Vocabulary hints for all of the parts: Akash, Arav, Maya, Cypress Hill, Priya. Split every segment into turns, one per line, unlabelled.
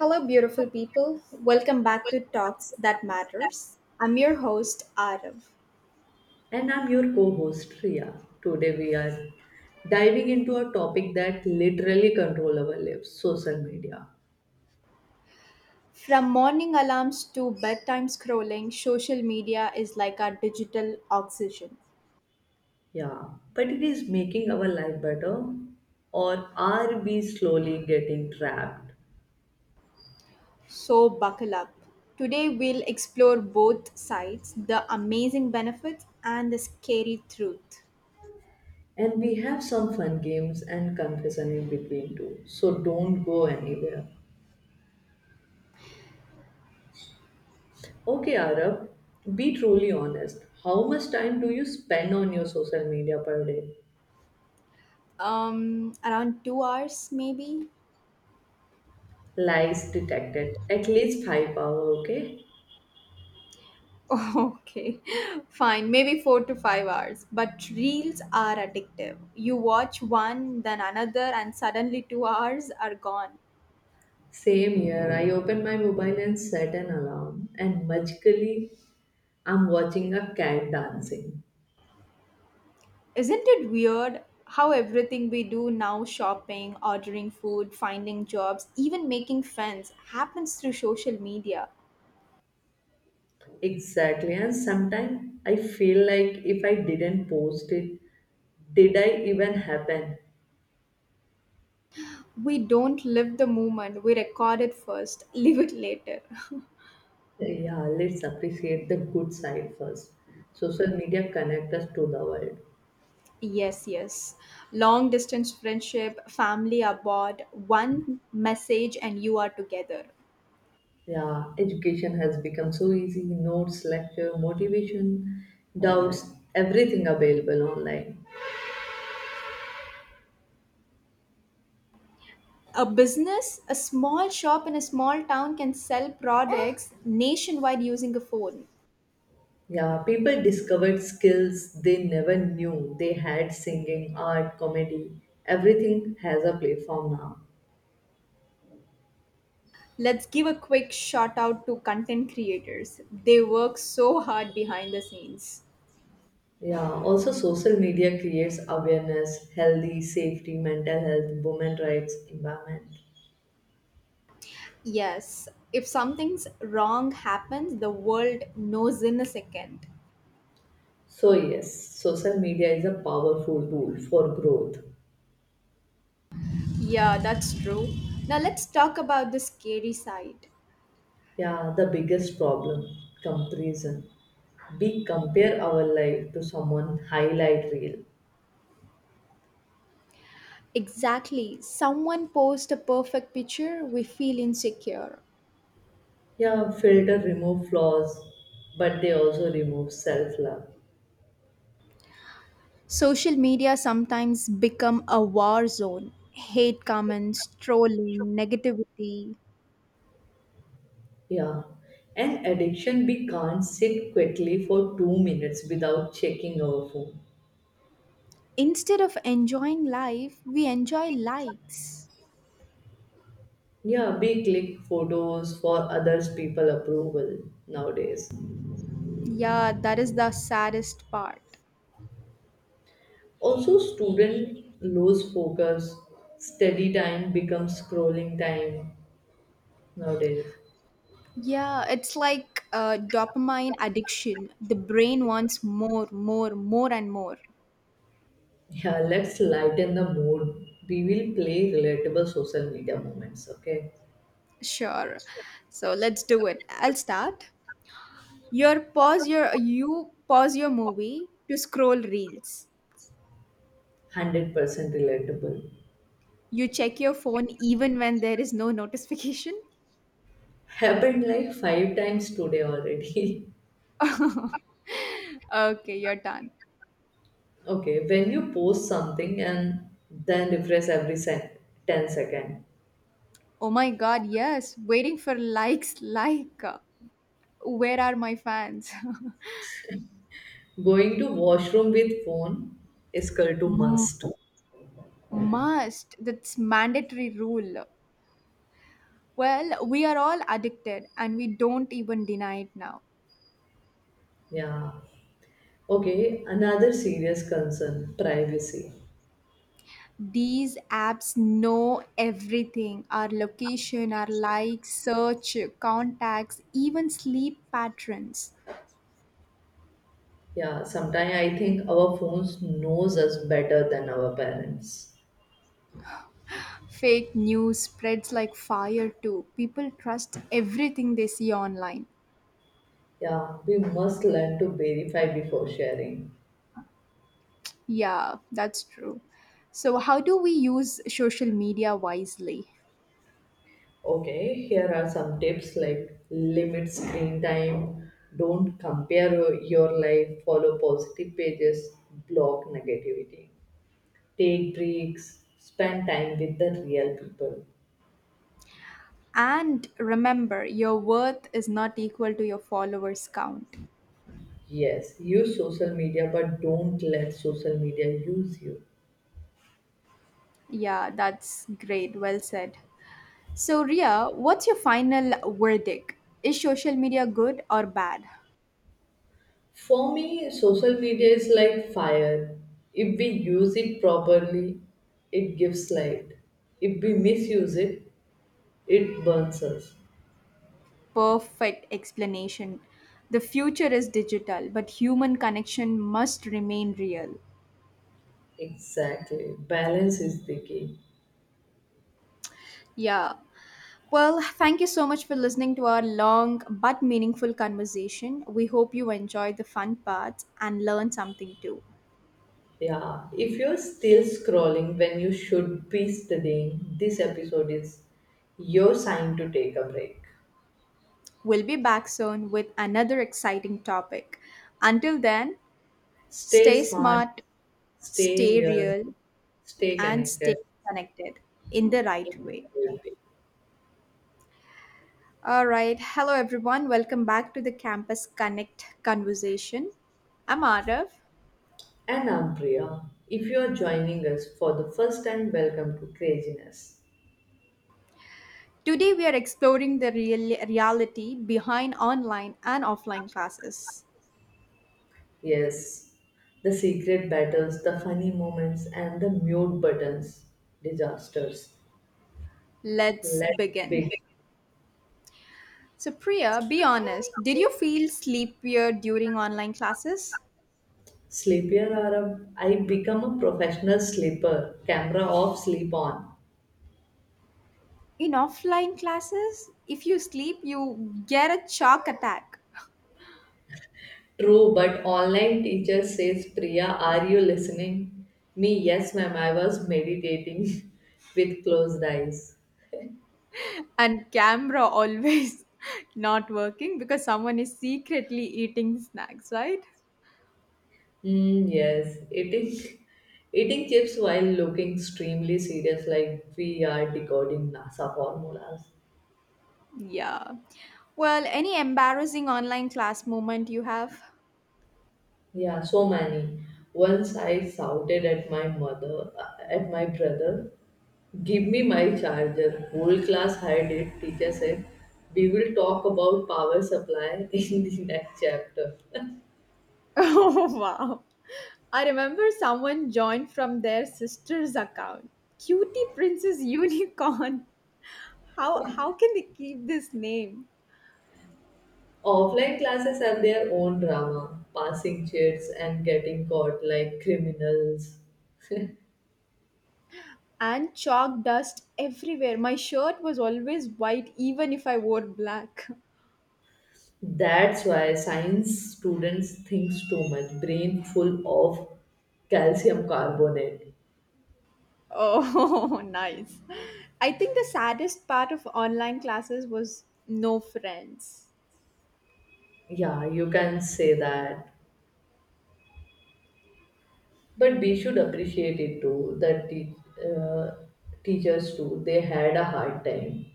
Hello, beautiful people. Welcome back to Talks That Matters. I'm your host, Arav.
And I'm your co host, Ria. Today we are diving into a topic that literally controls our lives, social media.
From morning alarms to bedtime scrolling, social media is like our digital oxygen.
Yeah, but it is making our life better, or are we slowly getting trapped?
So, buckle up. Today, we'll explore both sides, the amazing benefits and the scary truth.
And we have some fun games and confession in between too, so don't go anywhere. Okay, Arab, be truly honest. How much time do you spend on your social media per day?
Around two hours, maybe.
Lies detected. At least 5 hour, okay?
Okay, fine. Maybe four to five hours. But reels are addictive. You watch one, then another, and suddenly two hours are gone.
Same here. I open my mobile and set an alarm, and magically, I'm watching a cat dancing.
Isn't it weird how everything we do now, shopping, ordering food, finding jobs, even making friends, happens through social media?
Exactly. And sometimes I feel like if I didn't post it, did I even happen?
We don't live the moment, we record it first, live it later.
Yeah, let's appreciate the good side first. Social media connect us to the world.
Yes, yes. Long distance friendship, family abroad, one message and you are together.
Yeah, education has become so easy. Notes, lecture, motivation, doubts, everything available online.
A business, a small shop in a small town can sell products nationwide using a phone.
Yeah, people discovered skills they never knew they had, singing, art, comedy. Everything has a platform now.
Let's give a quick shout out to content creators. They work so hard behind the scenes.
Yeah, also social media creates awareness, healthy, safety, mental health, women rights, environment.
Yes, if something's wrong happens, the world knows in a second.
So yes, social media is a powerful tool for growth.
Yeah, that's true. Now let's talk about the scary side.
Yeah, the biggest problem, comparison. We compare our life to someone highlight reel.
Exactly. Someone posts a perfect picture, we feel insecure.
Yeah, filter remove flaws, but they also remove self love.
Social media sometimes become a war zone. Hate comments, trolling, negativity.
Yeah, and addiction, we can't sit quietly for 2 minutes without checking our phone.
Instead of enjoying life, we enjoy likes.
Yeah, we click photos for others people approval nowadays.
Yeah, that is the saddest part.
Also, student lose focus. Study time becomes scrolling time nowadays.
Yeah, it's like dopamine addiction. The brain wants more, more, more, and more.
Yeah, let's lighten the mood. We will play relatable social media moments, okay?
Sure. So let's do it. I'll start. You pause your movie to scroll reels.
100% relatable.
You check your phone even when there is no notification?
Happened like 5 times today already.
Okay, you're done.
Okay, when you post something and then refresh every 10 second.
Oh my god, yes. Waiting for likes, like. Where are my fans?
Going to washroom with phone is equal to
M-
must.
must. That's mandatory rule. Well, we are all addicted and we don't even deny it now.
Yeah. Okay, another serious concern, privacy.
These apps know everything, our location, our likes, search, contacts, even sleep patterns.
Yeah, sometimes I think our phones knows us better than our parents.
Fake news spreads like fire too. People trust everything they see online.
Yeah, we must learn to verify before sharing.
Yeah, that's true. So, how do we use social media wisely?
Okay, here are some tips like, limit screen time, don't compare your life, follow positive pages, block negativity, take breaks, spend time with the real people.
And remember, your worth is not equal to your followers' count.
Yes, use social media, but don't let social media use you.
Yeah, that's great. Well said. So, Ria, what's your final verdict? Is social media good or bad?
For me, social media is like fire. If we use it properly, it gives light. If we misuse it, it burns us.
Perfect explanation. The future is digital, but human connection must remain real.
Exactly. Balance is the key.
Yeah. Well, thank you so much for listening to our long but meaningful conversation. We hope you enjoyed the fun parts and learned something too.
Yeah. If you're still scrolling when you should be studying, this episode is your sign to take a break.
We'll be back soon with another exciting topic. Until then, stay
Stay smart,
smart,
stay
stay
real,
real,
stay
and stay
connected.
connected in the right way. All right. Hello, everyone. Welcome back to the Campus Connect conversation. I'm Arav.
And I'm Priya. If you're joining us for the first time, welcome to Craziness.
Today, we are exploring the reality behind online and offline classes.
Yes, the secret battles, the funny moments, and the mute buttons disasters.
Let's
Let's
begin.
begin.
So, Priya, be honest, did you feel sleepier during online classes?
Sleepier, Arab. I become a professional sleeper. Camera off, sleep on.
In offline classes, if you sleep, you get a shock attack.
True, but online teacher says, Priya, are you listening? Me, yes, ma'am. I was meditating with closed eyes.
And camera always not working because someone is secretly eating snacks, right?
Mm, yes, eating chips while looking extremely serious, like we are decoding NASA formulas.
Yeah. Well, any embarrassing online class moment you have?
Yeah, so many. Once I shouted at my mother, at my brother, give me my charger. Whole class had it. Teacher said, we will talk about power supply in the next chapter.
Oh, wow. I remember someone joined from their sister's account. Cutie Princess Unicorn. How can they keep this name?
Offline classes have their own drama, passing chairs and getting caught like criminals.
And chalk dust everywhere. My shirt was always white even if I wore black.
That's why science students think too much, brain full of calcium carbonate.
Oh, nice. I think the saddest part of online classes was no friends.
Yeah, you can say that. But we should appreciate it too. Uh, Teachers too, they had a hard time.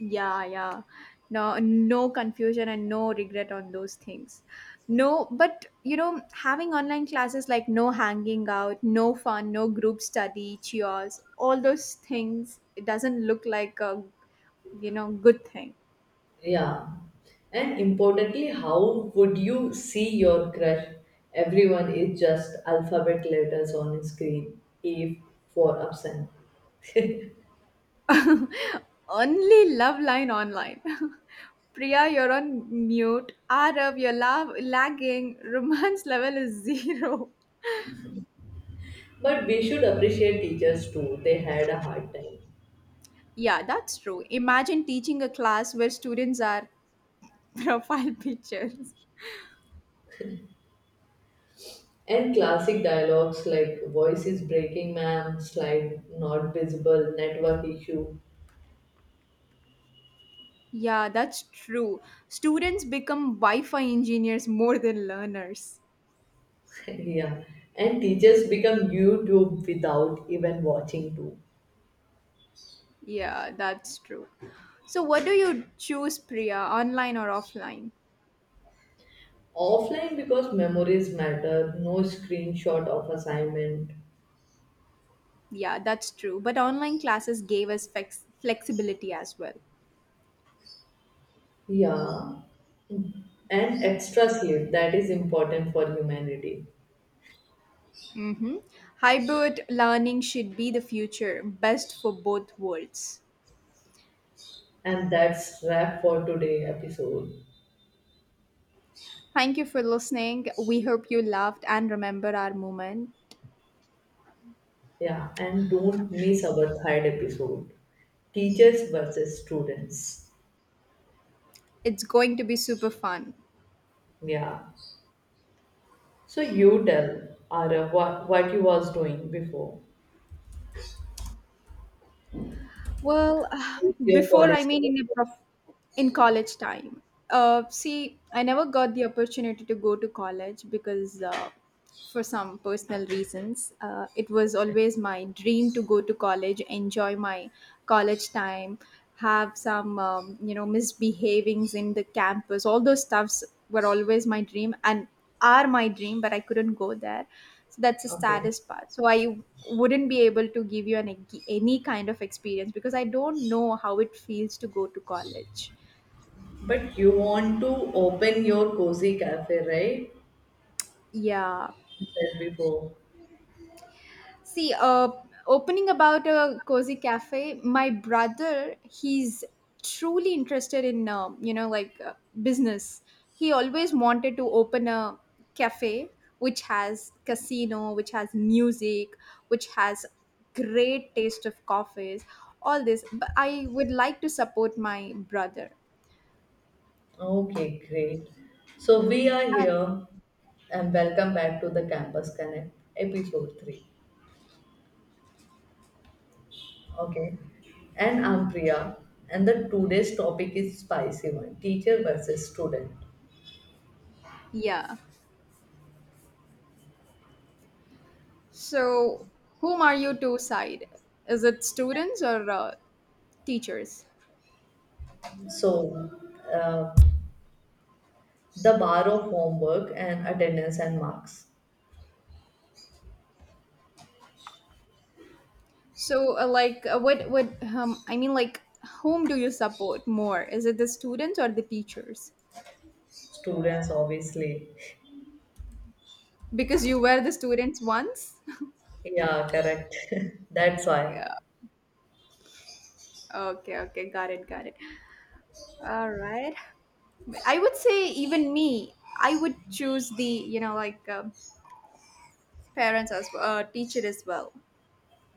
Yeah, yeah. No, no confusion and no regret on those things. No, but you know, having online classes like no hanging out, no fun, no group study, cheers, all those things, it doesn't look like a, good thing.
Yeah, and importantly, how would you see your crush? Everyone is just alphabet letters on screen. If for absent.
Only love line online. Priya, you're on mute. Arab, you're lagging. Romance level is zero.
But we should appreciate teachers too. They had a hard time.
Yeah, that's true. Imagine teaching a class where students are profile pictures.
And classic dialogues like, voice is breaking, ma'am, slide not visible, network issue.
Yeah, that's true. Students become Wi Fi engineers more than learners.
Yeah, and teachers become YouTube without even watching too.
Yeah, that's true. So, what do you choose, Priya, online or offline?
Offline, because memories matter, no screenshot of assignment.
Yeah, that's true. But online classes gave us flexibility as well.
Yeah, and extra sleep, that is important for humanity.
Mm-hmm. Hybrid learning should be the future, best for both worlds.
And that's wrap for today episode.
Thank you for listening. We hope you loved and remember our moment.
Yeah, and don't miss our third episode, teachers versus students.
It's going to be super fun.
Yeah, so you tell Ara, what you was doing before
Well,
with your
before, I
college.
mean, in a in college time. See, I never got the opportunity to go to college because for some personal reasons, it was always my dream to go to college, enjoy my college time, have some misbehavings in the campus, all those stuffs were always my dream and are my dream, but I couldn't go there. So that's the
Okay.
saddest part. So I wouldn't be able to give you an any kind of experience, because I don't know how it feels to go to college.
But you want to open your cozy cafe, right?
Yeah.
You said before.
See, opening about a cozy cafe. My brother, he's truly interested in, business. He always wanted to open a cafe which has casino, which has music, which has great taste of coffees, all this. But I would like to support my brother.
Okay, great. So we are
And
here and welcome back to the Campus Connect episode 3. Okay. And I'm Priya, and the today's topic is spicy one, teacher versus student.
yeah. So, whom are you to side? Is it students or teachers?
So the bar of homework and attendance and marks.
So, like, what, I mean, like, whom do you support more? Is it the students or the teachers?
Students, obviously.
Because you were the students once?
Yeah, correct. That's why.
Yeah. Okay, okay, got it, got it. All right. I would say, even me, I would choose the, parents as well, teacher as well.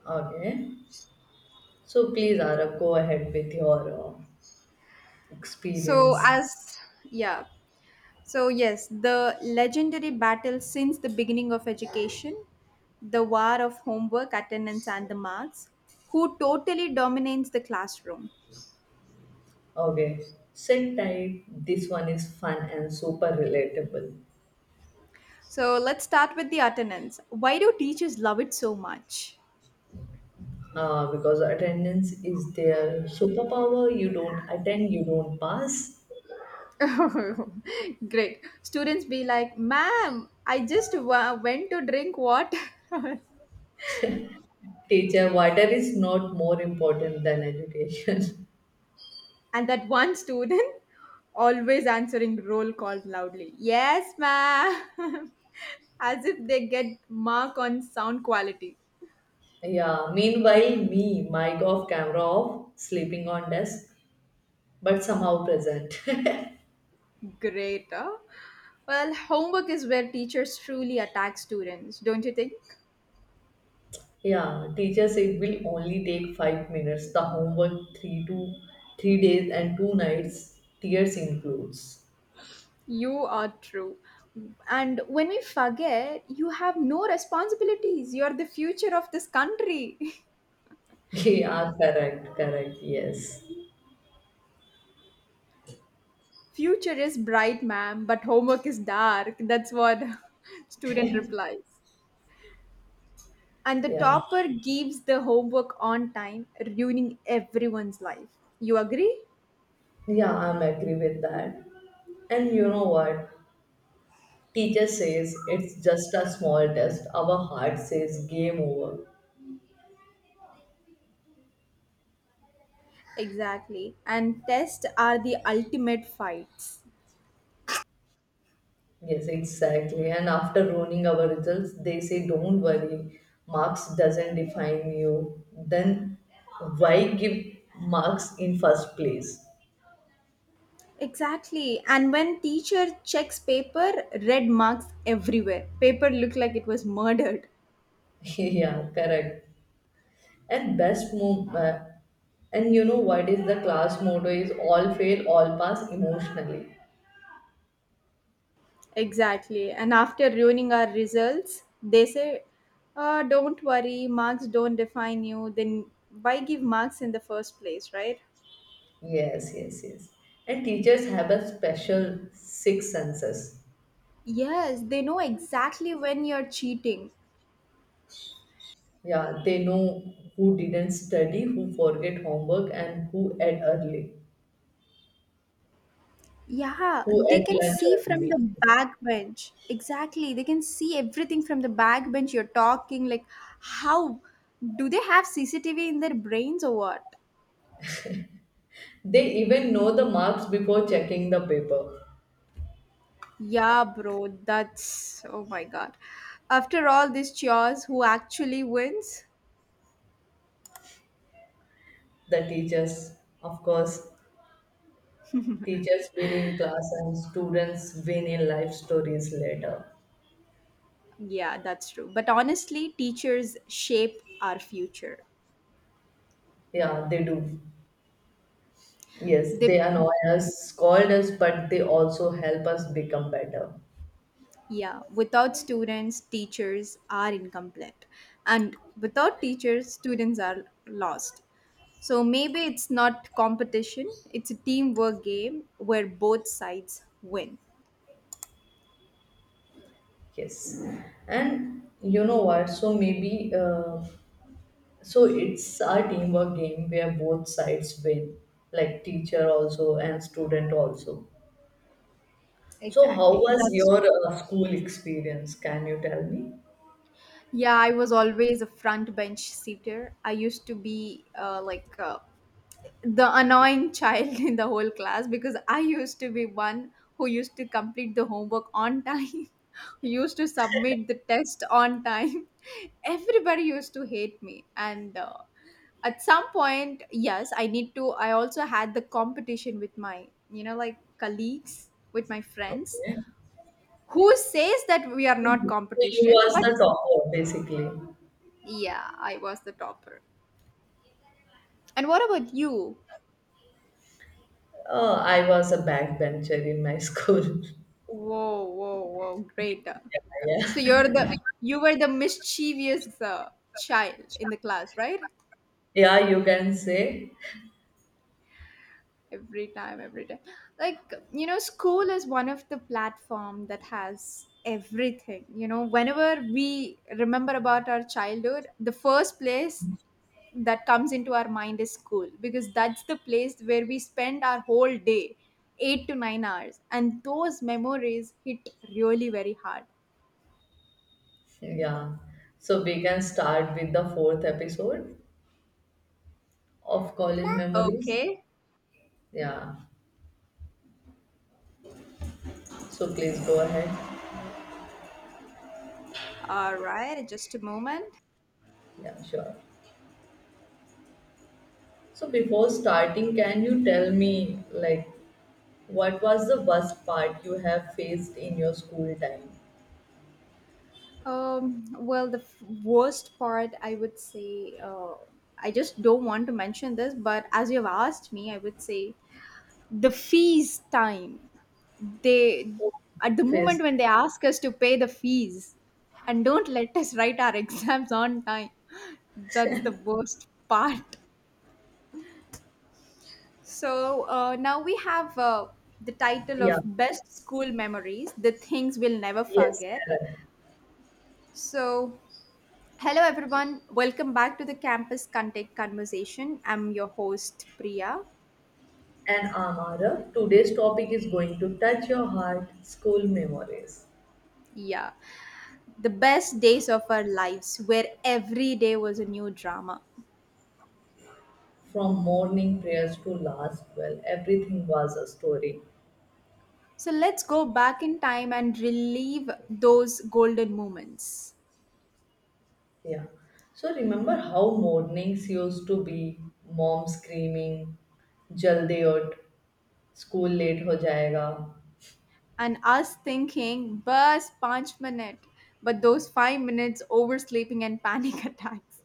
Okay. So please, Arab, go ahead with your
So,
experience.
as, yeah, So, yes, the legendary battle since the beginning of education, the war of homework, attendance, and the marks, who totally dominates the classroom.
Okay, sit tight. This one is fun and super relatable.
So, let's start with the attendance. Why do teachers love it so much?
Because attendance is their superpower. You don't attend, you don't pass.
Great. Students be like, ma'am, I just went to drink water.
Teacher, water is not more important than education.
And that one student, always answering roll call loudly, yes, ma'am, as if they get mark on sound quality.
Yeah. Meanwhile, me, mic off, camera off, sleeping on desk, but somehow present.
Great, huh? Well, homework is where teachers truly attack students, don't you think?
Yeah, teacher said will only take 5 minutes. The homework 3 to 3 days and 2 nights. Tears includes.
You are true. And when we forget, you have no responsibilities. You are the future of this country.
Yeah, correct, correct. Yes.
Future is bright, ma'am, but homework is dark. That's what student replies. And the
Yeah.
topper gives the homework on time, ruining everyone's life. You agree?
Yeah, I'm agree with that. And you know what? Teacher says it's just a small test. Our heart says game over.
Exactly. And tests are the ultimate fights.
Yes, exactly. And after ruining our results, they say don't worry, marks doesn't define you. Then why give marks in first place?
Exactly. And when teacher checks paper, red marks everywhere. Paper looked like it was murdered.
Yeah, correct. And best move, and you know what is the class motto is, all fail, all pass emotionally.
Exactly. And after ruining our results, they say, don't worry, marks don't define you. Then why give marks in the first place, right?
Yes, yes, yes. And teachers have a special six senses.
Yes, they know exactly when you're cheating.
Yeah, they know who didn't study, who forget homework, and who ate early,
Yeah,
who
they
ate
can
lunch
see from
early.
the back bench. Exactly. They can see everything from the back bench. You're talking like, how do they have CCTV in their brains or what?
They even know the marks before checking the paper.
Yeah, bro. That's, oh my god. After all these chores, who actually wins?
The teachers, of course, teachers win in class and students win in life stories later.
Yeah, that's true. But honestly, teachers shape our future.
Yeah, they do. Yes, they
They.
annoy us, scold us, but they also help us become better.
Yeah, without students, teachers are incomplete. And without teachers, students are lost. So maybe it's not competition, it's a teamwork game where both sides win.
Yes. And you know what? So so it's a teamwork game where both sides win, like teacher also and student also. So how
Exactly.
was
That's,
your school experience? Can you tell me?
yeah, I was always a front bench seater. I used to be the annoying child in the whole class, because I used to be one who used to complete the homework on time, who used to submit the test on time. Everybody used to hate me. And at some point, yes, I also had the competition with my, you know, like colleagues, with my friends,
Okay.
who says that we are
So
not
you
competition,
was the
but
topper basically.
yeah, I was the topper. And what about you?
I was a backbencher in my school.
Whoa, whoa, whoa! Great.
Yeah,
So
yeah.
you were the mischievous child in the class, right?
Yeah, you can say.
Every time, every time. Like, you know, school is one of the platform that has everything. You know, whenever we remember about our childhood, the first place that comes into our mind is school, because that's the place where we spend our whole day, eight to nine hours, and those memories hit really very hard.
Yeah. So we can start with the fourth episode of College Memories.
Okay.
Yeah. So please go ahead.
All right, just a moment.
Yeah, sure. So before starting, can you tell me, like, what was the worst part you have faced in your school time?
Well, the worst part, I would say, I just don't want to mention this, but as you've asked me, I would say the fees time. They, at the moment
Faced.
when they ask us to pay the fees and don't let us write our exams on time, that's the worst part. So now we have the title
Yeah.
of Best School Memories, the things we'll never
Yes,
forget.
correct.
So, hello, everyone. Welcome back to the Campus Contact Conversation. I'm your host, Priya.
And Amara, today's topic is going to touch your heart, school memories.
Yeah, the best days of our lives, where every day was a new drama.
From morning prayers to last, well, everything was a story.
So let's go back in time and relive those golden moments.
Yeah. So remember how mornings used to be, mom screaming, Jaldi ut, school late ho jayega.
And us thinking, bus, punch minute, but those five minutes oversleeping and panic attacks.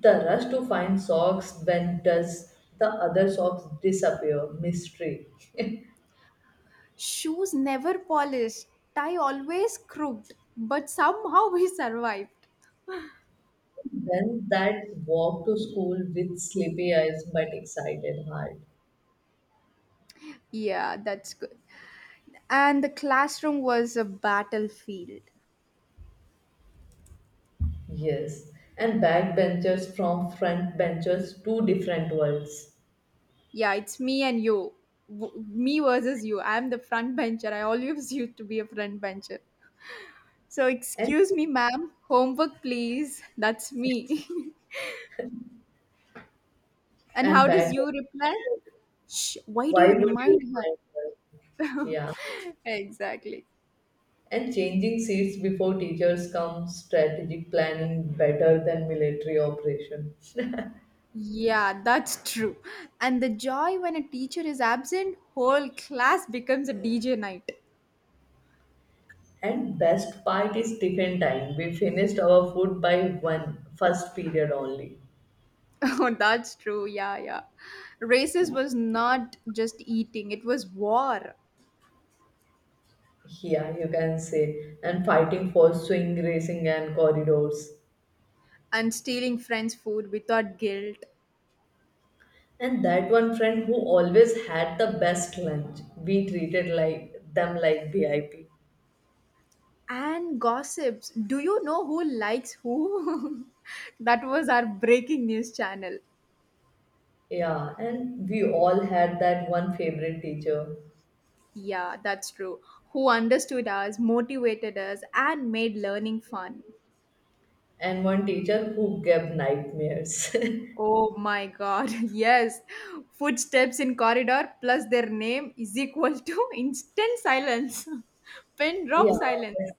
The rush to find socks, when does the other socks disappear? Mystery.
Shoes never polished, tie always crooked, but somehow we survived.
Then that walk to school with sleepy eyes but excited heart.
Yeah, that's good. And the classroom was a battlefield.
Yes. And backbenchers from front benchers, two different worlds.
Yeah, it's me and you. Me versus you. I'm the front bencher. I always used to be a front bencher. So,
And
excuse me, ma'am. Homework, please. That's me. And
and
how does
back,
you reply? Shh, why do
why
you
would you
remind
remind her?
her?
Yeah.
Exactly.
And changing seats before teachers come, strategic planning better than military operation.
Yeah, that's true. And the joy when a teacher is absent, whole class becomes a DJ night.
And best part is tiffin time. We finished our food by one first period only.
Oh, that's true. Yeah, yeah. Races was not just eating, it was war
Yeah, you can say. And fighting for swing racing and corridors.
and stealing friends' food without guilt
And that one friend who always had the best lunch, we treated like them like VIP.
and gossips. Do you know who likes who? That was our breaking news channel.
Yeah, and we all had that one favorite teacher
Yeah, that's true. Who understood us, motivated us, and made learning fun.
and one teacher who gave nightmares.
Oh my god, yes. Footsteps in corridor plus their name is equal to instant silence. Pen drop
Yeah,
silence.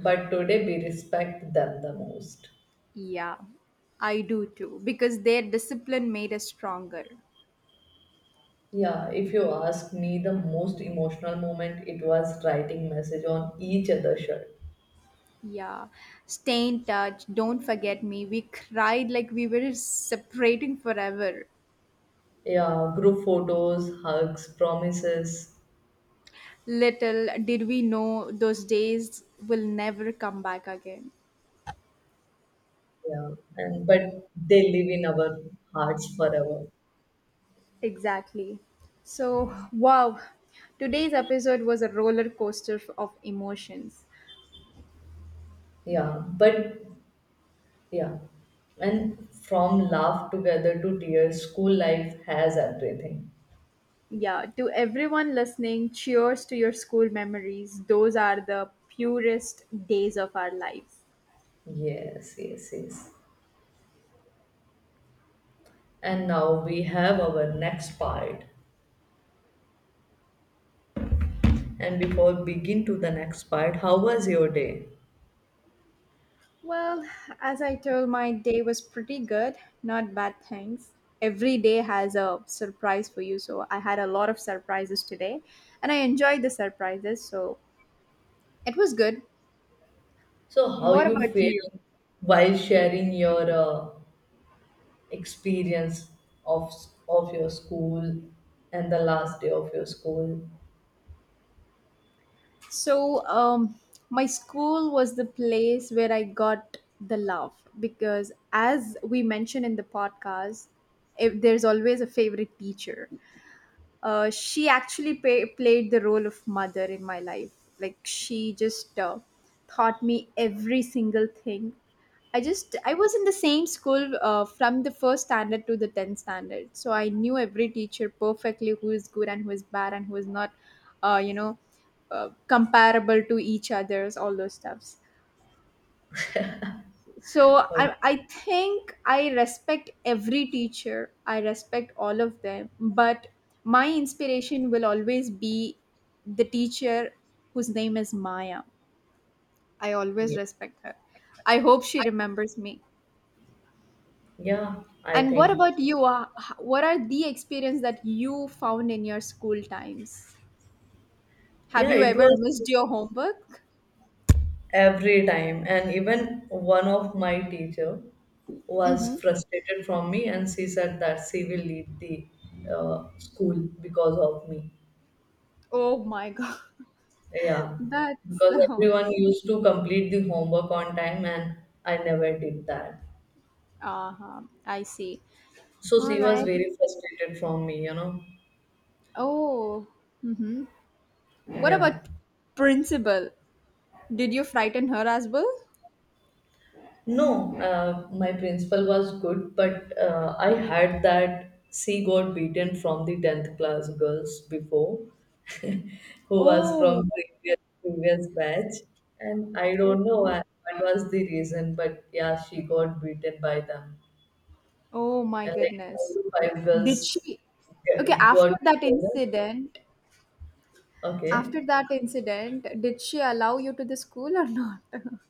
but today we respect them the most.
Yeah, I do too, because their discipline made us stronger.
Yeah, if you ask me, the most emotional moment it was writing message on each other shirt.
Yeah, stay in touch. Don't forget me. We cried like we were separating forever.
Yeah, group photos, hugs, promises.
Little did we know those days will never come back again.
Yeah, and but they live in our hearts forever.
Exactly. So, wow, today's episode was a roller coaster of emotions.
Yeah, but yeah, and from laugh together to tears, school life has everything.
Yeah, to everyone listening, cheers to your school memories. Those are the purest days of our lives.
Yes, yes, yes. And now we have our next part. And before begin to the next part, how was your day?
Well, as I told, my day was pretty good. Not bad, thanks. Every day has a surprise for you, so I had a lot of surprises today, and I enjoyed the surprises, so it was good.
So how
What
you
about you?
feel while sharing your experience of your school and the last day of your school?
So, my school was the place where I got the love because, as we mentioned in the podcast, if there's always a favorite teacher. She actually played the role of mother in my life. Like she just taught me every single thing. I was in the same school from the first standard to the tenth standard, so I knew every teacher perfectly who is good and who is bad and who is not, uh, you know, comparable to each other's all those stuffs, so I think I respect every teacher, I respect all of them, but my inspiration will always be the teacher whose name is Maya. I always
Okay.
respect her. I hope she remembers me.
Yeah, I
And what
think.
about you? What are the experience that you found in your school times? Have
Yeah,
you
it
ever
was
missed your homework?
every time. And even one of my teacher was
Mm-hmm.
frustrated from me and she said that she will leave the school because of me.
Oh my god,
Yeah,
that's
because
so.
everyone used to complete the homework on time and I never did that.
Uh-huh. I see.
So
All
she was
right.
very frustrated from me, you know.
Oh, mm-hmm. What
Yeah.
about Principal? Did you frighten her as well?
No, my principal was good, but I had that she got beaten from the 10th class girls before, who was
Oh,
from previous batch. And I don't know
okay.
what was the reason, but yeah, she got beaten by them.
Oh my
And like four
goodness.
to five
Did
girls
she? Okay,
got together. Okay.
after that incident, did she allow you to the school or not?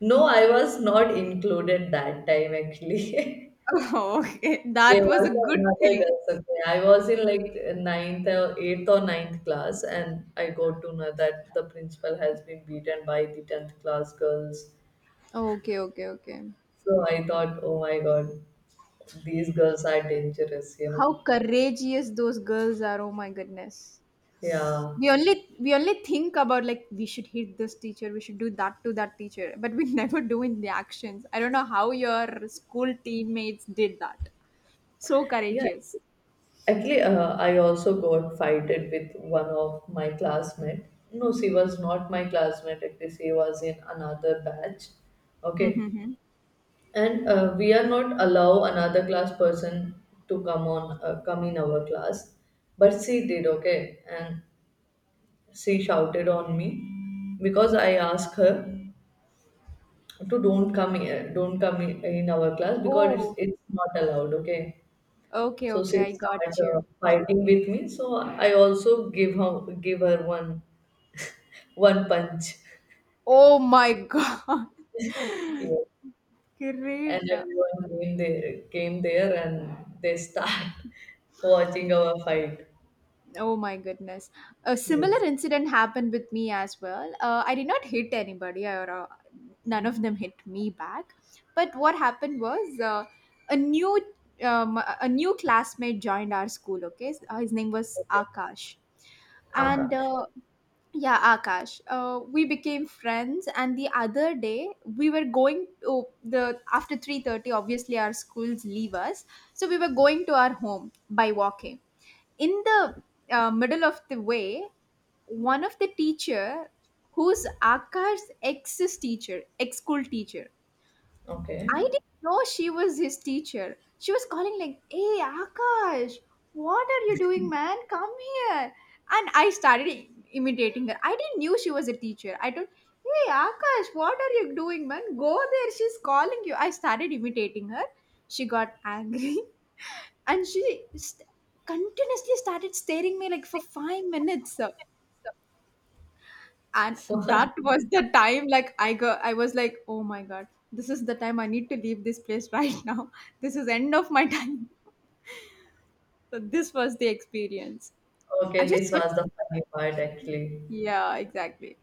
No, I was not included that time actually.
Oh, okay.
There
That was
was
a good
another
thing.
girls. Okay. I was in like ninth or eighth or ninth class, and I got to know that the principal has been beaten by the 10th class girls.
Okay, okay, okay.
So I thought, oh my god, these girls are dangerous, you know.
How courageous those girls are. Oh my goodness.
Yeah.
We only think about like we should hit this teacher, we should do that to that teacher, but we never do in the actions. I don't know how your school teammates did that. So
Yeah.
courageous.
Actually, I also got fighted with one of my classmate. No, she was not my classmate. Actually, she was in another batch. Okay,
Hmm.
and we are not allow another class person to come in our class, but she did. Okay, and she shouted on me because I asked her to don't come here, don't come in our class because
Oh,
it's not allowed. Okay.
okay,
So
okay,
she
I
started
got you.
fighting with me. So I also give her one punch.
Oh my god.
Yeah. And
Great.
everyone came there and they start watching our fight.
Oh my goodness. A
Yes.
similar incident happened with me as well. I did not hit anybody, or none of them hit me back. But what happened was a new a new classmate joined our school. Okay, his name was Akash, and
Akash.
yeah, Akash. We became friends, and the other day we were going to the after 3:30. Obviously, our schools leave us, so we were going to our home by walking in the middle of the way. One of the teacher who's Akar's ex teacher, ex school teacher.
Okay.
I didn't know she was his teacher. She was calling like, "Hey Akash, what are you doing, man? Come here." And imitating her. I didn't knew she was a teacher. I told, "Hey Akash, what are you doing, man? Go there. She's calling you." I started imitating her. She got angry and st- continuously started staring me like for 5 minutes, and that was the time like I was like, oh my god, this is the time I need to leave this place right now. This is end of my time. So this was the experience. I
Okay,
just
this
got,
was the funny part actually.
yeah, exactly.